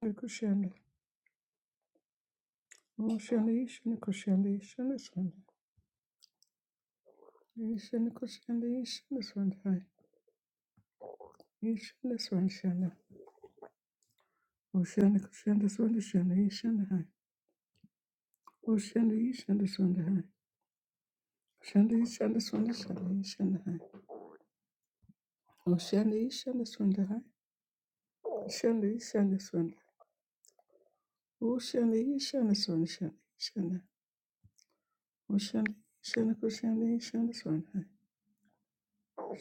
Kushende. Oh, shende, shende, kushende, shende, shende. Eh, Shende, kushende, shende, shende, hai. Eh, Shende, shende, shende. Oh, shende, kushende, shende, shende, eh, shende, hai. Oh, shende, shende, shende, hai. Shende, shende, shende, shende, eh, shende, hai. Oh, shende, shende, shende, hai. Shende, shende, shende. Oh, shende, shende, shende, shende, shende. Oh, shende, shende, kushende, shende, shende, hai.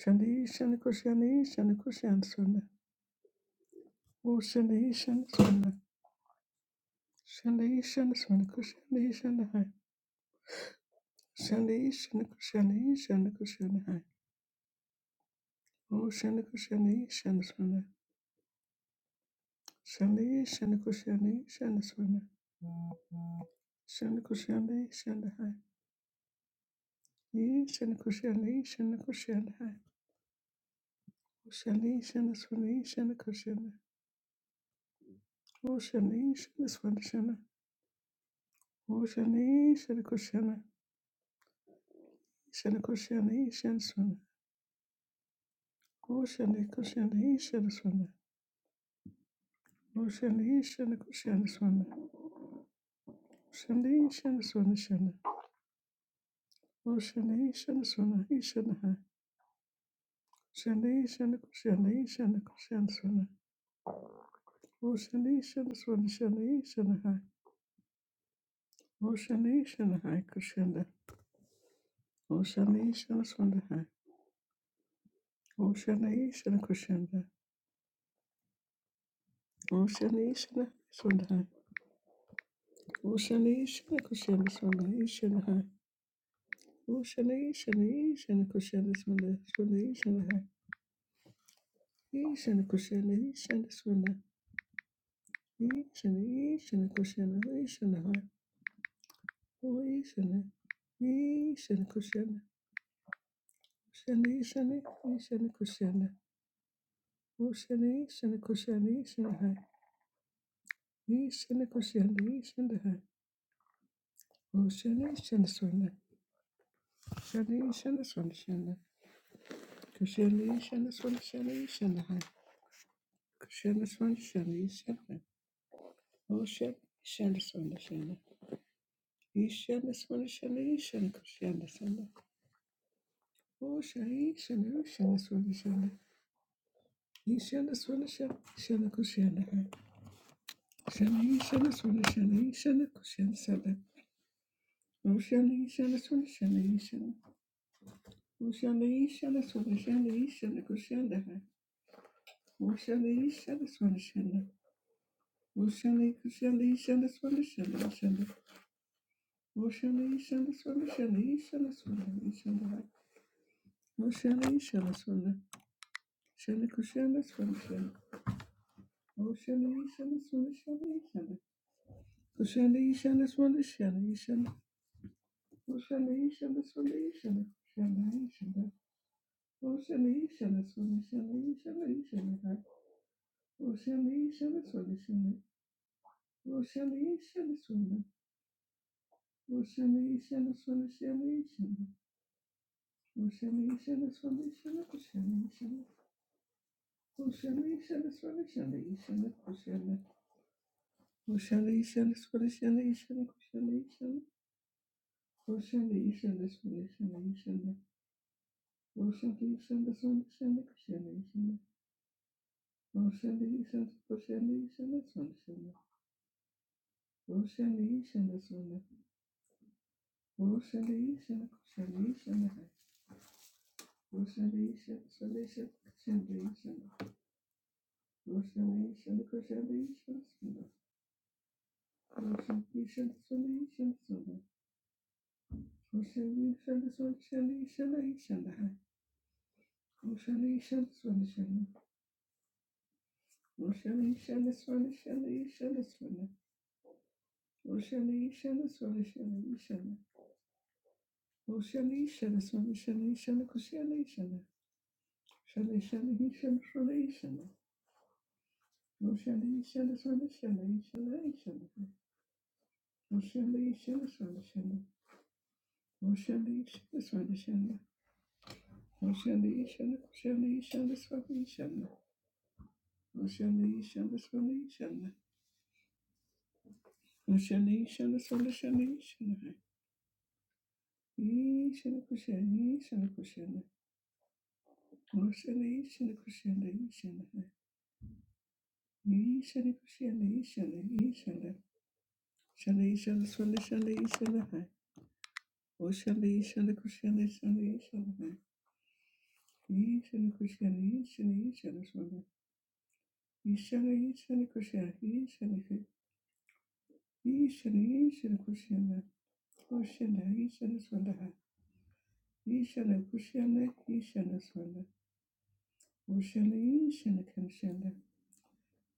Shende, shende, kushende, shende, kushende, shende. Oh, Shanda Shanda Shanda Kushanda Shanda Hai. Shanda Shanda Kushanda Shanda Kushanda Hai. Oh Shanda Kushanda Shanda Shanda. Shanda Shanda Kushanda Shanda Shanda. Shanda Kushanda Shanda Hai. Ye Shanda Kushanda Shanda Kushanda Hai. Oh, Shanda Shanda Shanda Shanda Kushanda. Oh Shanda Shanda Shanda Shanda. Oh Shanda Shanda Kushanda Shanda Kushanda Shanda Shanda. Oh Shanda Kushanda Shanda Shanda. Oh Shanda Shanda Kushanda Shanda. Shani shani shani shani. Oh shani shani shani shani hai. Shani shani shani shani shani shani. Oh shani shani shani shani shani hai. Oh shani shani hai kushanda. Oh shani shani shani hai. Oh shani shani kushanda. O shani shani shani hai. Oh shani shani kushanda shani shani hai. Oh shani shani shani kushanda shani shani hai. Shani kushanda shani shani. Ishana, Ishana, Kushana, Ishana, Oh, Ishana, Ishana, Kushana, Kushana, Ishana, Ishana, Kushana, Oshana, Ishana, Kushana, Ishana, Hai, Ishana, Kushana, Ishana, Hai, Oshana, Ishana, Swana, Shana, Ishana, Swana, Shana, Kushana, Ishana, Swana, Shana, Ishana, Hai, Kushana, Swana, Shana, Ishana, Hai, Oshana, Ishana, Swana, Shana, Ishana, Swana, Shana, Ishana, Kushana, Swana, Oshana, Ishana, Ishana, Swana, Shana, Ishana Swala Shana Shana Kushana Shana Ishana Swala Shana Ishana Kushana Sada Oshana Ishana Swala Shana Ishana Oshana Ishana Swala Shana Ishana Kushana Oshana Ishana Swala Shana Oshana Kushana Ishana Swala Shana Ishana Oshana Ishana Swala Shana Ishana Swala Ishana Oshana Ishana Swala Shana Kushana Swala Shana Oshana Ishana Swala Shana Ishana Kushana Ishana Swala Shana Ishana Oceanisha, this Oceanisha, Oceanisha, Oceanisha, this Oceanisha, Oceanisha, Oceanisha, this Oceanisha, Oceanisha, this one, Oceanisha, this one, Oceanisha, Oceanisha, this one, Oceanisha, Oceanisha, this one, Oceanisha, Oceanisha, Oceanisha, this one, Oceanisha, Oceanisha, Oceanisha, this one, Oceanisha, Oceanisha, this one, Oceanisha, Roshanda Ishanda Koshanda Ishanda Swanda Shanda Roshanda Ishanda Swanda Roshanda Ishanda Koshanda Ishanda Roshanda Ishanda Swanda Ishanda Koshanda Ishanda Roshanda Ishanda Koshanda Ishanda Swanda Roshanda Ishanda Swanda Ishanda Swanda Roshanda Ishanda Swanda Shanda Ishanda Ishanda Roshanda Ishanda Swanda Shanda Roshanda Ishanda Swanda Shanda Ishanda Swanda Roshanda Ishanda Swanda Shanda Ishanda Roshanda Ishanda Swanda Shanda Ishanda Koshanda Ishanda Shall I shall he shall shalation? No shall he shall swell shall I shall I shall No shall he shall swell shall No shall he shall swell shall No shall he shall shall he shall swell shall No shall he shall swell shall No shall he shall swell shall he shall He shall cushion he shall cushion No shall he shall cushion he shall He shall cushion he shall he shall Shall he shall swell shall he shall Oşandı inşandı kuşandı inşandı inşandı. İnşandı kuşandı inşandı inşandı sonra. İnşandı inşandı kuşandı inşandı. İnşandı inşandı kuşandı. Oşandı inşandı sonra. İnşandı kuşandı inşandı sonra. Oşandı inşandı kuşandı.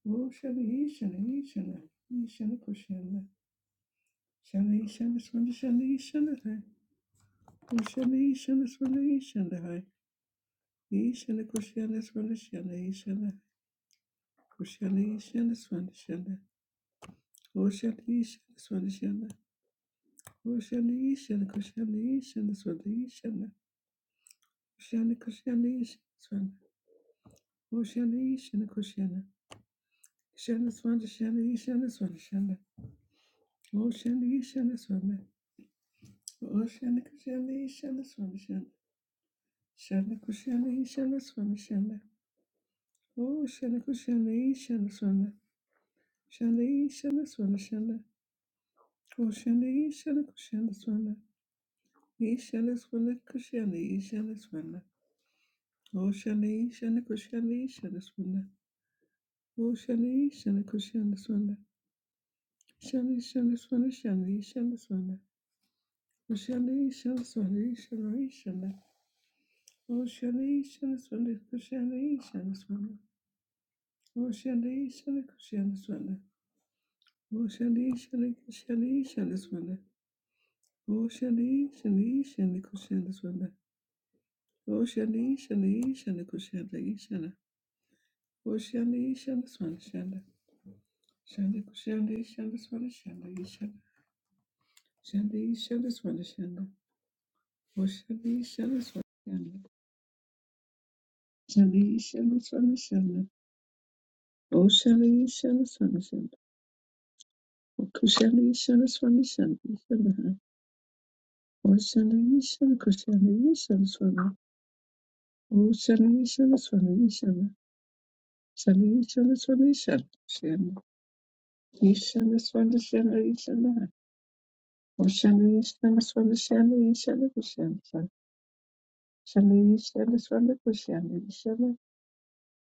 Oşandı inşandı inşandı. İnşandı kuşandı. Şandı inşandı sonra şandı inşandı hay. Oşandı inşandı sonra inşandı hay. İnşandı kuşandı sonra şandı inşandı Koshanishana Swanishana. Koshanishana Swanishana. Koshanishana Koshanishana Swanishana. Koshana Koshanishana Swana. Koshanishana Koshana. Shana Swanishana Ishana Swanishana. Koshanishana Swana. Koshana Koshanishana Swanishana. Shana Koshanishana Swanishana. Koshana Koshanishana Swana. Shana Ishana Swanishana. Koshana Ishana Koshana Swana. Ishani swanda kushani Ishani swanda Oshani Ishani kushani Ishani swanda Oshani Ishani kushani swanda Ishani Ishani swanda Ishani Ishani swanda Oshani Ishani swanda Oshani Ishani swanda Oshani Ishani kushani swanda Oshani Ishani kushani swanda Oshani Ishani kushani swanda Oshani Ishani kushani swanda Oshanda ishanda swana shanda. Shanda kushanda ishanda swana shanda ishanda. Shanda ishanda swana shanda. Oshanda ishanda swana shanda. Shanda ishanda swana shanda. Oshanda ishanda swana shanda. Kushanda ishanda swana shanda ishanda ha. Oshanda ishanda kushanda ishanda swana. Oshanda ishanda swana ishanda. Shanda ishanda swana ishanda shanda. Ishanda swana shanda ishanda ha. Oshanda ishanda swana shanda ishanda kushanda. Shanaishana Swana Kushana Ishana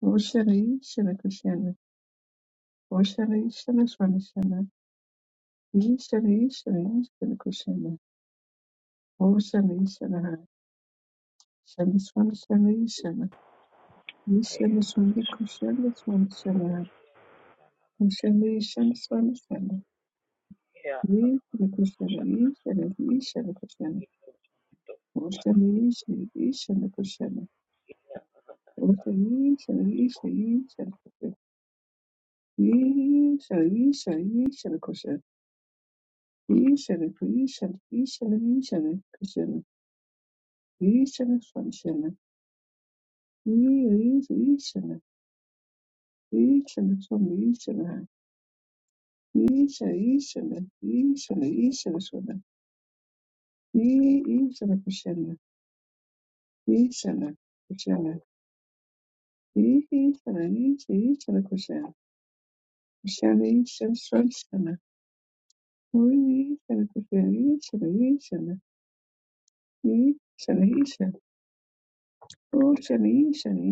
Oshana Ishana Kushana Oshana Ishana Swana Shana Ishana Ishana Ishana Kushana Oshana Ishana Hana Shana Swana Shana Ishana Yeah, Ishana Swana Kushana Swana Shana Hana Oshana Ishana Swana Shana Yeah. Ishana Kushana Ishana Ishana Kushana Oshana Ishana Ishana Kushana Oshana Ishana Ishana Ishana Kushana Ishana Ishana Ishana Kushana Ишәаны, ишәаны, ишәаны, ишәаны, ишәаны, ишәаны, шәаны, шәаны, ира, ира, ишәаны, ишәаны, шәаны, ишәаны, ха, иша, ишәаны, ишәаны, ишәаны, шәаны, и, ишәаны, кушәаны, ишәаны, кушәаны, и, ишәаны, иша, ишәаны, кушәаны, кушәаны, ишәаны, шәаны, шәаны, уи, ишәаны, кушәаны, ишәаны, ишәаны, ишәаны, ишәаны, ушәаны, ишәаны,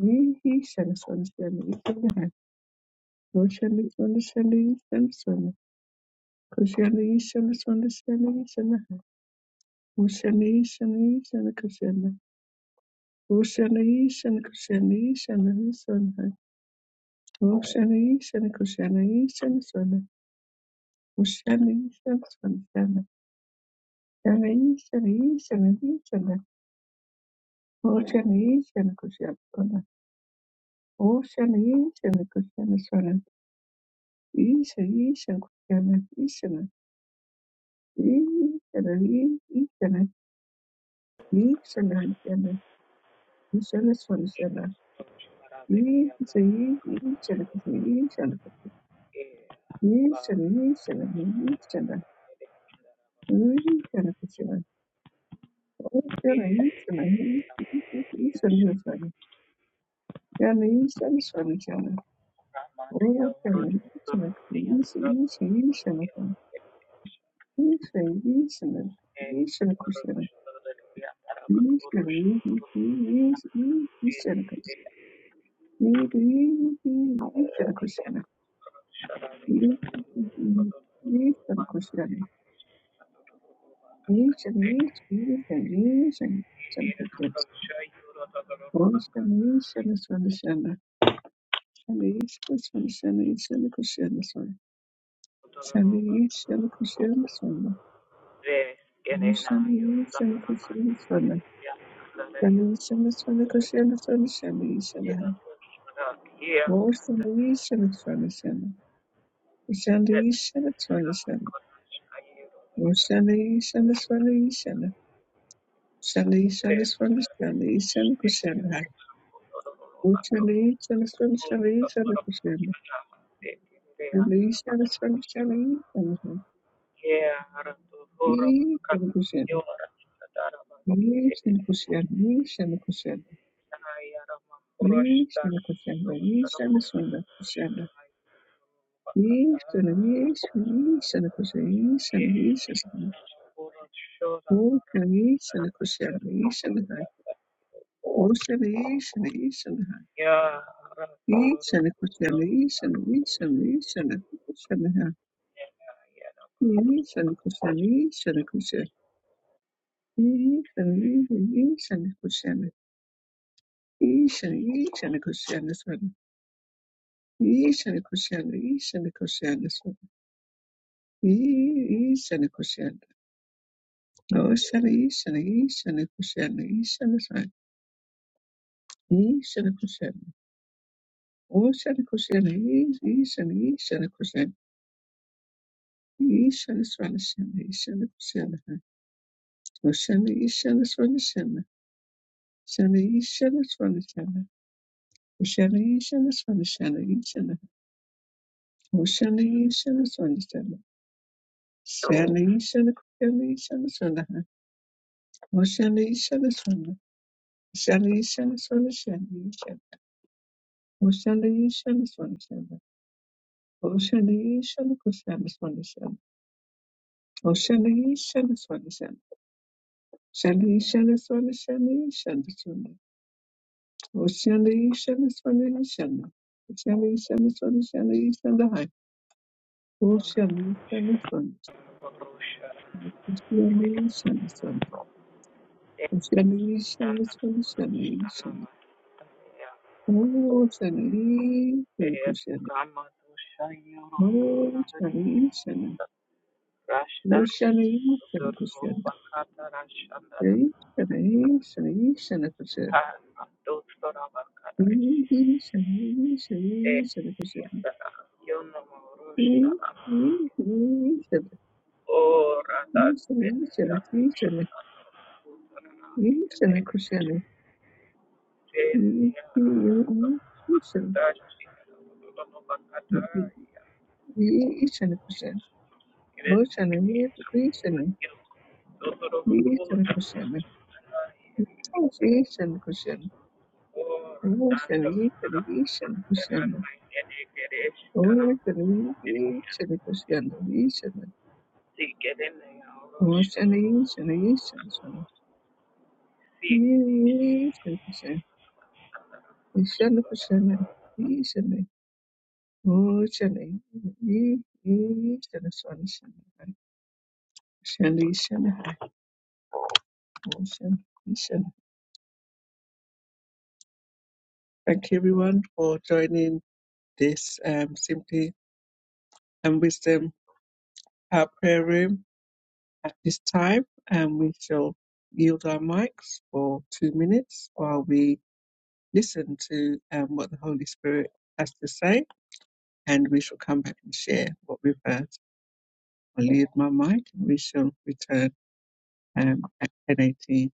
Yihi Shamson Shani Shanahan, Roshani Shani Shani Shamson, Kushani Shani Shani Shani Shanahan, Ushani Shani Shani Kushana, Ushani Shani Kushani Shani Shanahan, Roshani Shani Kushani Shani Shana, Ushani Shani Shani Shana, Shani Shani Shani Shana, Roshani Shani Kushana, Ushani Shani Kushana Shana, Isha Isha Kushana, Each and Abba, Vedi, a Shandy, shandy, shandy, shandy. Shandy, shandy, shandy, shandy. Shali, shali, swali, shali, shali, kushali. Uchali, shali, swali, shali, shali, kushali. Shali, shali, swali, shali, shali, shali. E, shali, kushali. E, shali, kushali, e, shali, kushali. E, shali, kushali, e, shali, swali, kushali. E, shali, e, shali, e, shali, kushali, e, shali, e, shali. O, shali, e, shali, kushali, e, shali, hai. O, shali, e, shali, e, shali, hai. E, shali, kushali, e, shali, e, shali, e, shali, kushali, hai. Ishana kushana, ishana kushana, ishana, ishana kushana, ishana, ishana kushana swada, ishana kushana, ishana kushana swada, ishana kushana, oshana, ishana, ishana kushana, ishana swada, ishana kushana, oshana kushana, ishana, ishana kushana, ishana swada shana, ishana kushana, oshana, ishana swada shana, shana, ishana swada shana. Kushalaishala Swanishalaishala Kushalaishala Swanishala Shalaishala Kushalaishala Swanaha Kushalaishala Swana Shalaishala Swanishalaishala Kushalaishala Swanishala Kushalaishala Kushalaishala Swanishala Kushalaishala Swanishala Shalaishala Swanishalaishala Swana Kushalaishala Swanishala Shalaishala Swanishala Ishala Hai Kushalaishala Swan Shalaishala Shani, Shani, Shani, Shani, Shani. Yeah, Oh, Shani, Shani, Kushana, Ramatushayuru Oh, Shani, Shani. Oh, Rashdan Shani, Shani, Zuru Kushana, Bakata Rashandara Hey, Shani, Shani, Shani, Kushana, Dostora Hey, Bakarash hey, Shani, E Shani, Shani, Kushana, Yandara Hey, Yunamurushala Hey, Shani, Shani. O Radha Hey, Shani, Vinaya Shani, Hey, Shani. Hey, Shani, Kushana, Hey, Hey, Hey, Hey, Shantaranayane Shani. Jenya Dashi Lulu Bakata Hey, hey, Shani, Kushana, Oh, Shani, Hey, Kushana, Hey, Shani, Kushana, Asian cushion. Ocean, Asian, Asian cushion. Ocean, Asian cushion. Asian. Ocean, Asian, Asian cushion. Asian cushion. Asian cushion. Asian. Ocean, Asian cushion. Ocean, Asian. Ocean, Asian. Thank you everyone for joining this um, Simply and Wisdom our prayer room. At this time, and we shall yield our mics for two minutes while we listen to um, what the Holy Spirit has to say, and we shall come back and share what we've heard. I'll yield my mic and we shall return um, at 10.18.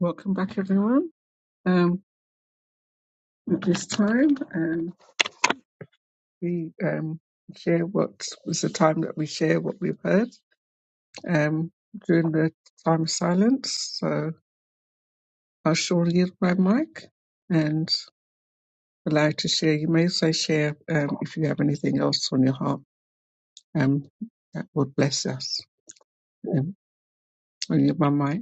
Welcome back, everyone. Um, at this time, um, we um, share what was the time that we share what we've heard um, during the time of silence. So I shall yield my mic. and. would like to share, you may also share um, if you have anything else on your heart um, that would bless us. Um, on your my mic.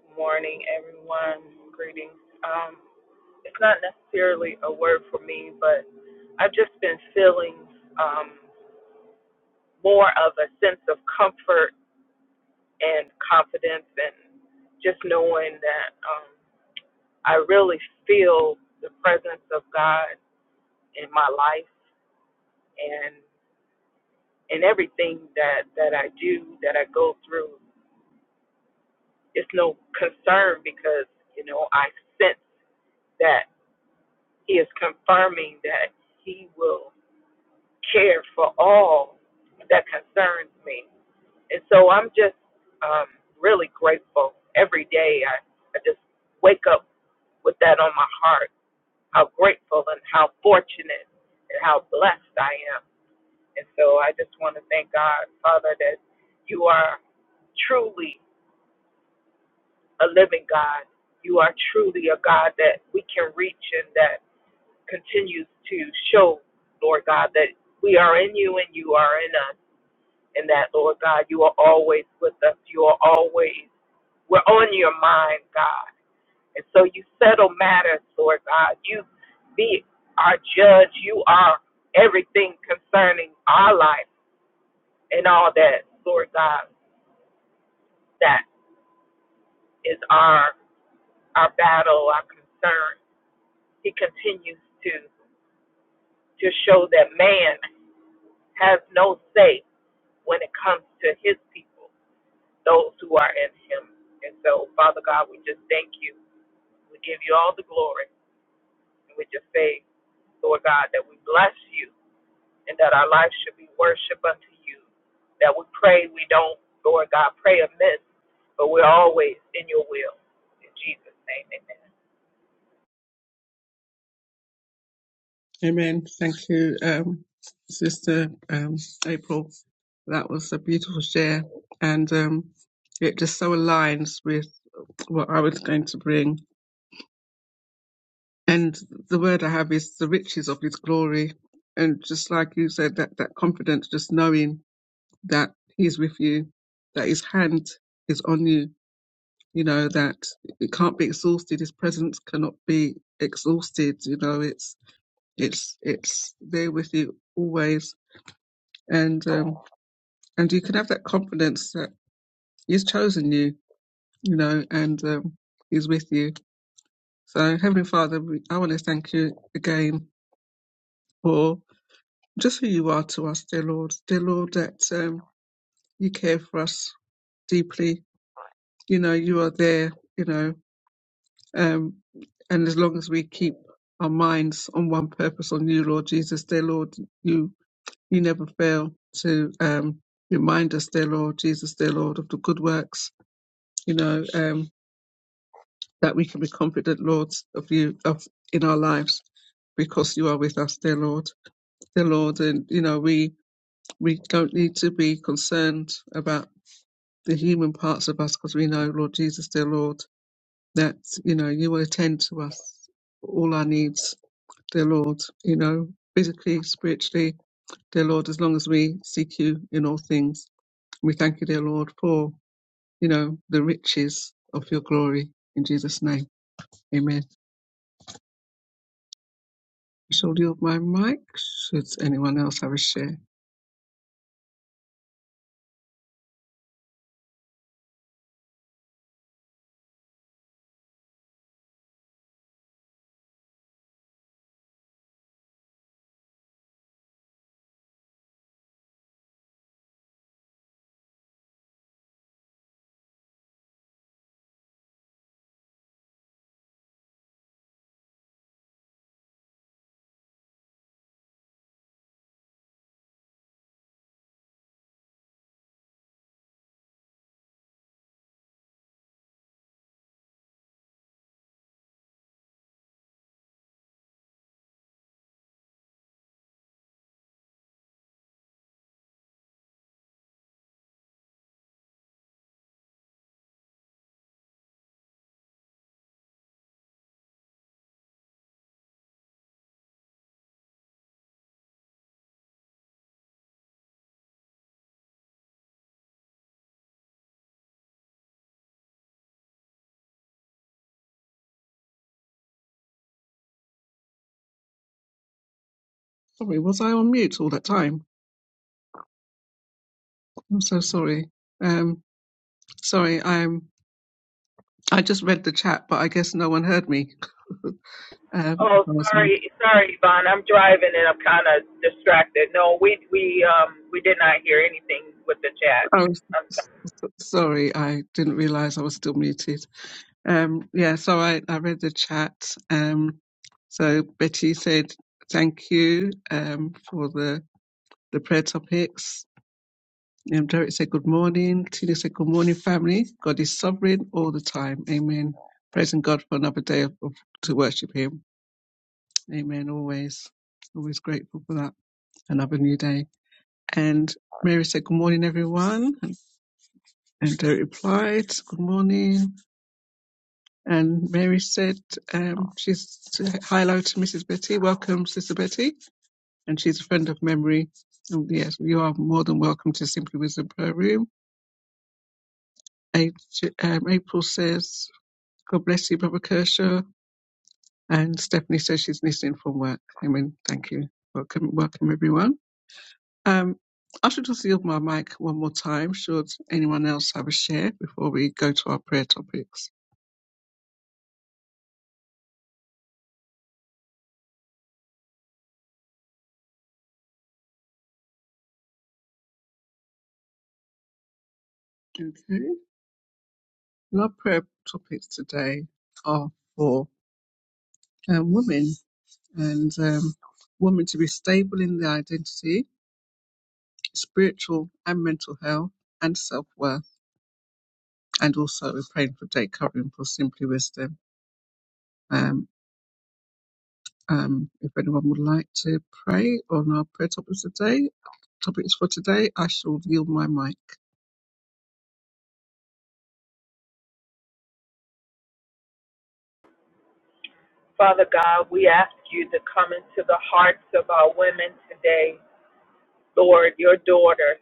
Good morning, everyone. Greetings. Um, it's not necessarily a word for me, but I've just been feeling um, more of a sense of comfort and confidence, and just knowing that um, I really feel the presence of God in my life. and. and everything that that I do, that I go through, it's no concern because you know I sense that He is confirming that He will care for all that concerns me, and so I'm just um, really grateful every day. I I just wake up with that on my heart, how grateful and how fortunate and how blessed I am, and so I just want to thank God, Father, that You are truly a living God. You are truly a God that we can reach and that continues to show, Lord God, that we are in you and you are in us. And that, Lord God, you are always with us. You are always, we're on your mind, God. And so you settle matters, Lord God. You be our judge. You are everything concerning our life and all that, Lord God. That is our our battle, our concern. He continues to. to show that man has no say when it comes to his people, those who are in him. And so, Father God, we just thank you. We give you all the glory. And we just say, Lord God, that we bless you and that our life should be worship unto you. That we pray, we don't, Lord God, pray amiss, but we're always in your will. In Jesus' name, amen. Amen. Thank you, um, Sister um, April. That was a beautiful share, and um, it just so aligns with what I was going to bring. And the word I have is the riches of His glory, and just like you said, that that confidence, just knowing that He's with you, that His hand is on you, you know that it can't be exhausted his presence cannot be exhausted you know it's it's it's there with you always and um and you can have that confidence that he's chosen you you know and um he's with you so heavenly father we, i want to thank you again for just who you are to us dear lord dear lord that um you care for us deeply you know you are there you know Um, and as long as we keep our minds on one purpose on you, Lord Jesus, dear Lord, you you never fail to um, remind us, dear Lord Jesus, dear Lord, of the good works, you know, um, that we can be confident, Lord, of you of in our lives because you are with us, dear Lord, dear Lord, and you know we we don't need to be concerned about the human parts of us because we know, Lord Jesus, dear Lord, that you know you will attend to us all our needs dear Lord, you know, physically, spiritually, dear Lord, as long as we seek you in all things. We thank you, dear Lord, for, you know, the riches of your glory. In Jesus' name, amen. I shall yield my mic should anyone else have a share. Sorry, was I on mute all that time? I'm so sorry. Um, sorry, I'm. I just read the chat, but I guess no one heard me. Um, Oh, I was, sorry, sorry, Yvonne. I'm driving and I'm kind of distracted. No, we we um we did not hear anything with the chat. I was, Um, s- s- sorry, I didn't realise I was still muted. Um, yeah, so I, I read the chat. Um, so Betty said, thank you um, for the, the prayer topics. Um, Derek said, good morning. Tina said, good morning, family. God is sovereign all the time. Amen. Praising God for another day of, of- to worship Him. Amen. Always, always grateful for that. Another new day. And Mary said, good morning, everyone. And Derek replied, good morning. And Mary said um, she's hi hello to Mrs. Betty. Welcome, Sister Betty. And she's a friend of memory. And yes, you are more than welcome to Simply Wisdom Prayer Room. A- um, April says, God bless you, Brother Kershaw. And Stephanie says she's listening from work. Amen. Thank you. Welcome, welcome everyone. Um, I should just yield my mic one more time. Should anyone else have a share before we go to our prayer topics? Okay. And Our prayer topics today are for uh, women and um, women to be stable in their identity, spiritual and mental health, and self worth. And also, we're praying for day covering for Simply Wisdom. Um, um, if anyone would like to pray on our prayer topics today, topics for today, I shall yield my mic. Father God, we ask you to come into the hearts of our women today, Lord, your daughter.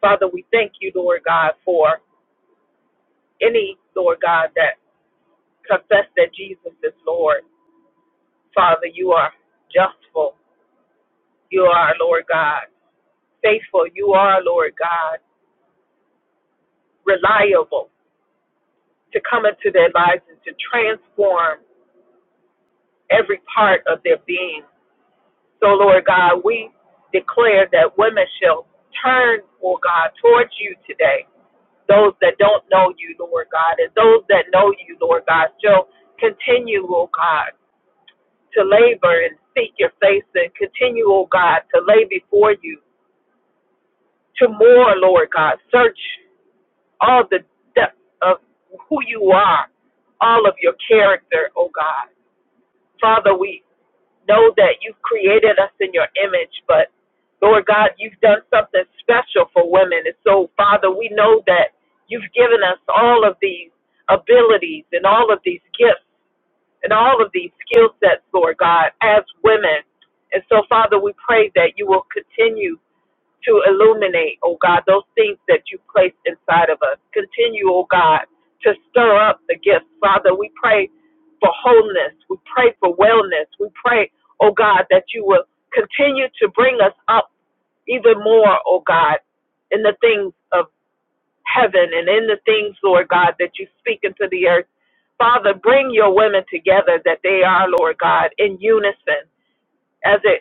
Father, we thank you, Lord God, for any Lord God that confess that Jesus is Lord. Father, you are justful. You are Lord God, faithful. You are Lord God, reliable. to come into their lives and to transform every part of their being. So, Lord God, we declare that women shall turn, oh God, towards you today. Those that don't know you, Lord God, and those that know you, Lord God, shall continue, oh God, to labor and seek your face and continue, oh God, to lay before you, to more, Lord God, search all the depth of who you are, all of your character, oh God Father, we know that you've created us in your image, but Lord God, you've done something special for women. And so, Father, we know that you've given us all of these abilities and all of these gifts and all of these skill sets, Lord God, as women. And so, Father, we pray that you will continue to illuminate, oh God, those things that you placed inside of us. Continue, oh God, to stir up the gifts. Father, we pray for wholeness. We pray for wellness. We pray, oh God, that you will continue to bring us up even more, oh God, in the things of heaven and in the things, Lord God, that you speak into the earth. Father, bring your women together that they are, Lord God, in unison as it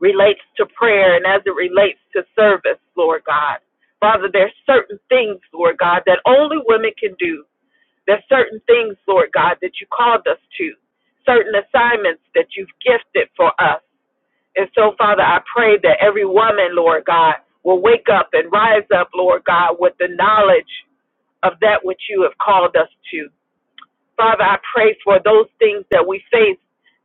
relates to prayer and as it relates to service, Lord God. Father, there's certain things, Lord God, that only women can do. There's certain things, Lord God, that you called us to, certain assignments that you've gifted for us. And so, Father, I pray that every woman, Lord God, will wake up and rise up, Lord God, with the knowledge of that which you have called us to. Father, I pray for those things that we face,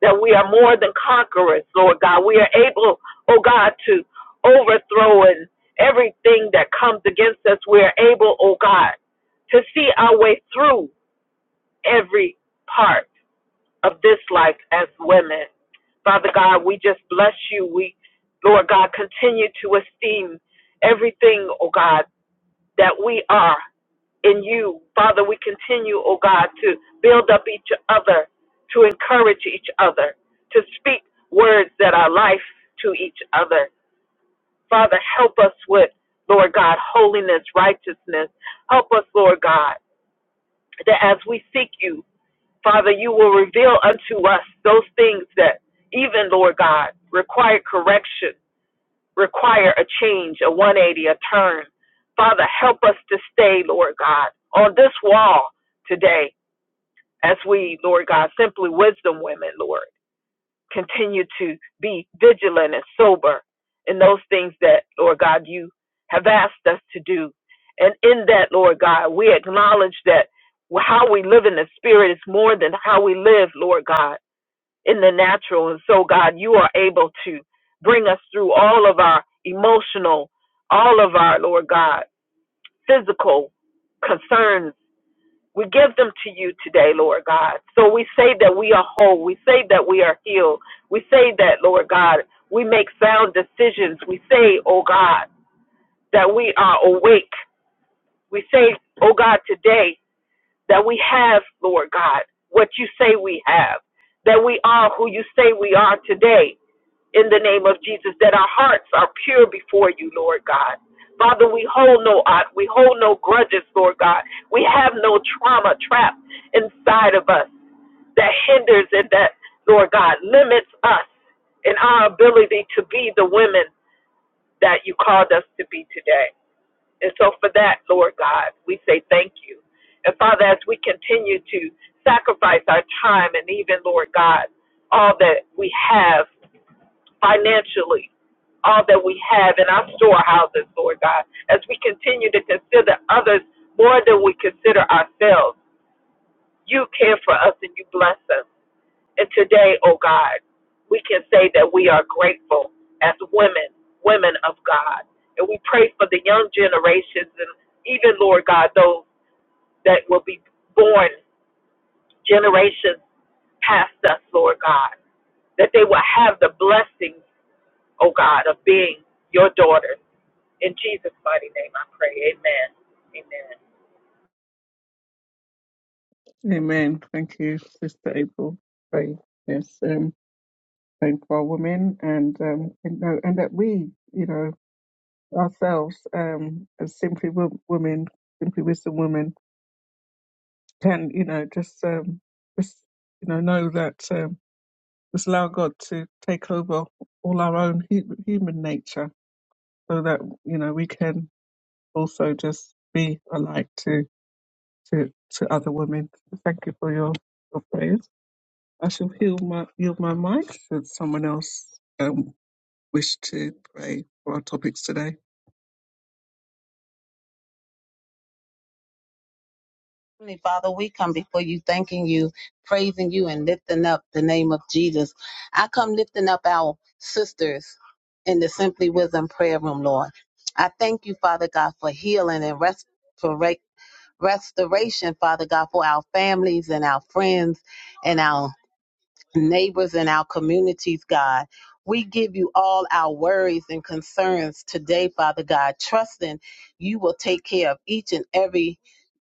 that we are more than conquerors, Lord God. We are able, oh God, to overthrow and everything that comes against us. We are able, oh God, to see our way through every part of this life as women. Father God, we just bless you. We, Lord God, continue to esteem everything, oh God, that we are in you. Father, we continue, oh God, to build up each other, to encourage each other, to speak words that are life to each other. Father, help us with, Lord God, holiness, righteousness. Help us, Lord God, that as we seek you, Father, you will reveal unto us those things that even, Lord God, require correction require a change, a 180, a turn. Father, help us to stay, Lord God, on this wall today as we, Lord God, simply wisdom women, Lord, continue to be vigilant and sober in those things that, Lord God, you have asked us to do. And in that, Lord God, we acknowledge that how we live in the Spirit is more than how we live, Lord God in the natural. And so, God, you are able to bring us through all of our emotional, all of our, Lord God, physical concerns. We give them to you today, Lord God. So we say that we are whole. We say that we are healed. We say that, Lord God, we make sound decisions. We say, oh God, that we are awake. We say, oh God, today that we have, Lord God, what you say we have, that we are who you say we are today in the name of Jesus, that our hearts are pure before you, Lord God. Father, we hold no ought, we hold no grudges, Lord God. We have no trauma trapped inside of us that hinders and that, Lord God, limits us in our ability to be the women that you called us to be today. And so for that, Lord God, we say thank you. And Father, as we continue to sacrifice our time and even, Lord God, all that we have financially, all that we have in our storehouses, Lord God, as we continue to consider others more than we consider ourselves. You care for us and you bless us. And today, oh God, we can say that we are grateful as women, women of God. And we pray for the young generations and even, Lord God, those that will be born generations past us, Lord God that they will have the blessings oh God, of being your daughter. In Jesus' mighty name I pray. Amen. Amen. Amen. Thank you, Sister April. Pray. Yes. Um, praying for our women and um, and, no, and that we, you know. ourselves um, as simply wo- women, simply wisdom women, can you know just um, just you know know that um, just allow God to take over all our own hu- human nature, so that you know we can also just be a light to to to other women. Thank you for your your prayers. I shall heal my yield my mic should someone else um, wish to pray for our topics today. Heavenly Father, we come before you, thanking you, praising you, and lifting up the name of Jesus. I come lifting up our sisters in the Simply Wisdom prayer room, Lord. I thank you, Father God, for healing and restora- restoration, Father God, for our families and our friends and our neighbors and our communities, God. We give you all our worries and concerns today, Father God, trusting you will take care of each and every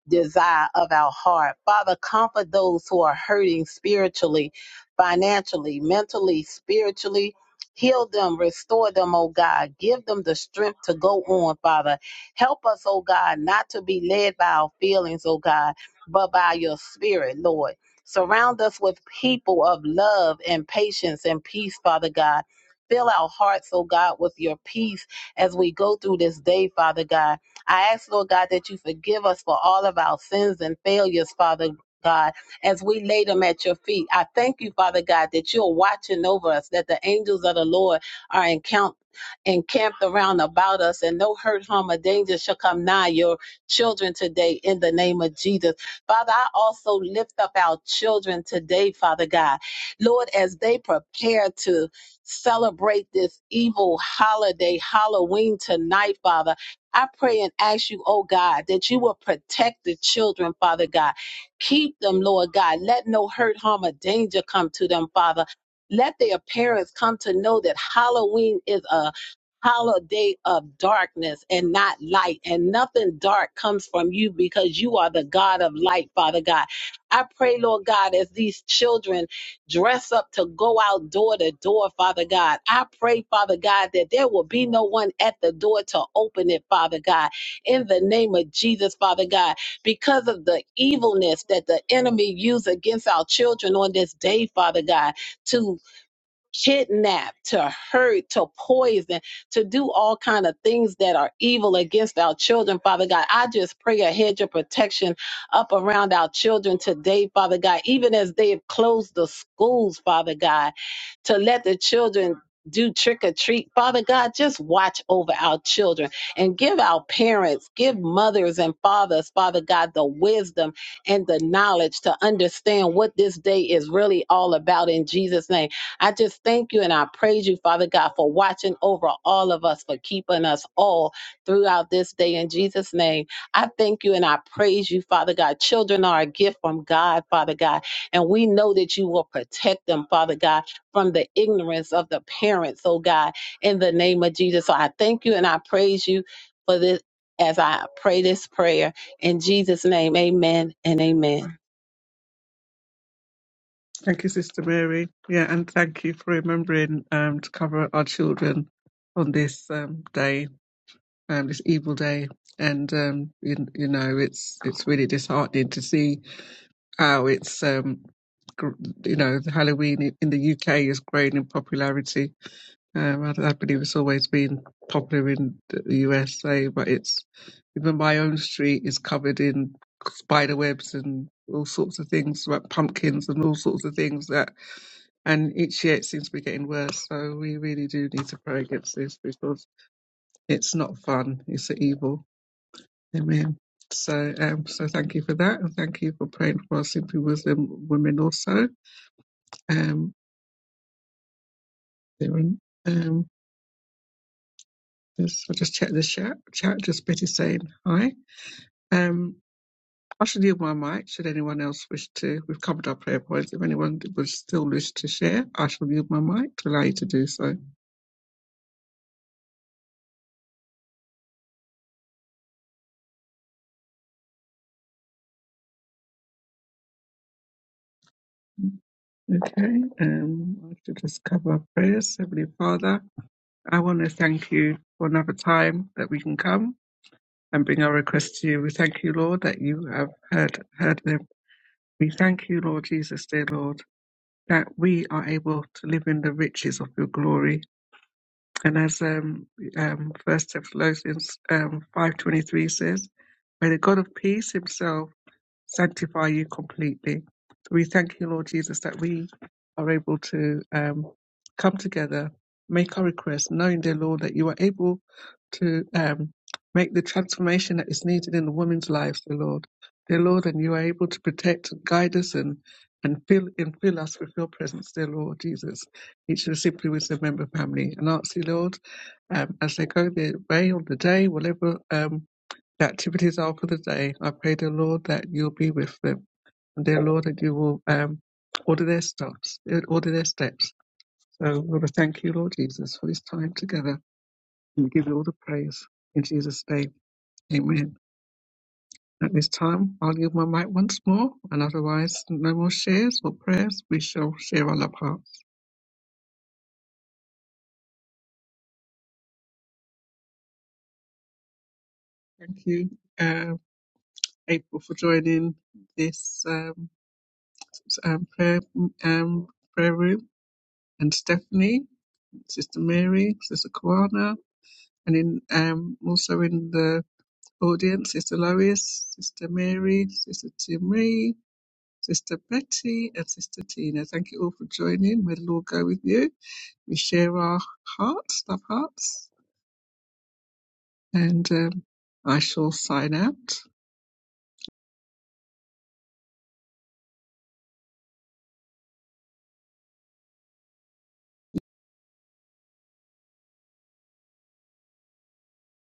desire of our heart. Father, comfort those who are hurting spiritually, financially, mentally, spiritually. Heal them, restore them, oh God. Give them the strength to go on, Father. Help us, oh God, not to be led by our feelings, oh God, but by your spirit, Lord. Surround us with people of love and patience and peace, Father God. Fill our hearts, oh God, with your peace as we go through this day, Father God. I ask, Lord God, that you forgive us for all of our sins and failures, Father God, as we lay them at your feet. I thank you, Father God, that you're watching over us, that the angels of the Lord are encamped. Encamped around about us, and no hurt, harm, or danger shall come nigh your children today in the name of Jesus. Father, I also lift up our children today, Father God. Lord, as they prepare to celebrate this evil holiday, Halloween tonight, Father. I pray and ask you, oh God, that you will protect the children, Father God. Keep them, Lord God. Let no hurt, harm, or danger come to them, Father. Let their parents come to know that Halloween is a holiday of darkness and not light, and nothing dark comes from you because you are the God of light, Father God. I pray, Lord God, as these children dress up to go out door to door, Father God. I pray, Father God, that there will be no one at the door to open it, Father God, in the name of Jesus, Father God, because of the evilness that the enemy used against our children on this day, Father God, to kidnap to hurt to poison to do all kind of things that are evil against our children father god i just pray a hedge of protection up around our children today father god even as they have closed the schools father god to let the children do trick or treat. Father God, just watch over our children and give our parents, give mothers and fathers, Father God, the wisdom and the knowledge to understand what this day is really all about in Jesus' name. I just thank you and I praise you, Father God, for watching over all of us, for keeping us all throughout this day in Jesus' name. I thank you and I praise you, Father God. Children are a gift from God, Father God, and we know that you will protect them, Father God from the ignorance of the parents, oh God, in the name of Jesus. So I thank you and I praise you for this as I pray this prayer in Jesus' name. Amen and amen. Thank you, Sister Mary. Yeah, and thank you for remembering um, to cover our children on this um, day, um, this evil day. And um, you, you know, it's it's really disheartening to see how it's um, gr- you know the Halloween in in the UK is growing in popularity. Um, I, I believe it's always been popular in the USA, but it's even my own street is covered in spider webs and all sorts of things, like pumpkins and all sorts of things that and each year it seems to be getting worse. So we really do need to pray against this because it's not fun. It's an evil. Amen. So, um, so thank you for that, and thank you for praying for our Simply Wisdom women also. Um, um, just, I'll just check the chat. Chat just Betty saying hi. Um, I should yield my mic. Should anyone else wish to, we've covered our prayer points. If anyone would still wish to share, I shall yield my mic to allow you to do so. Okay, um, I have to discover prayers. Heavenly Father, I want to thank you for another time that we can come and bring our requests to you. We thank you, Lord, that you have heard, heard them. We thank you, Lord Jesus, dear Lord, that we are able to live in the riches of your glory. And as um, um, First Thessalonians um, 5.23 says, May the God of peace himself sanctify you completely. So we thank you, Lord Jesus, that we are able to um, come together, make our request, knowing, dear Lord, that you are able to um, make the transformation that is needed in the woman's life, dear Lord. Dear Lord, and you are able to protect and guide us and and fill and fill us with your presence, dear Lord Jesus, each and simply with the member family. And ask you, Lord, um, as they go their way on the day, whatever um, the activities are for the day. I pray the Lord that you'll be with them. And dear Lord, that you will um, order their steps, order their steps. So we want to thank you, Lord Jesus, for this time together and we give you all the praise in Jesus' name. Amen. At this time, I'll give my mic once more, and otherwise, no more shares or prayers. We shall share our love hearts. Thank you, uh, April, for joining this um, s- um, prayer um, prayer room, and Stephanie. Sister Mary, Sister Kwana, and in um also in the audience, Sister Lois, Sister Mary, Sister Timmy, Sister Betty, and Sister Tina. Thank you all for joining. May the Lord go with you. We share our hearts, love hearts, and um, I shall sign out.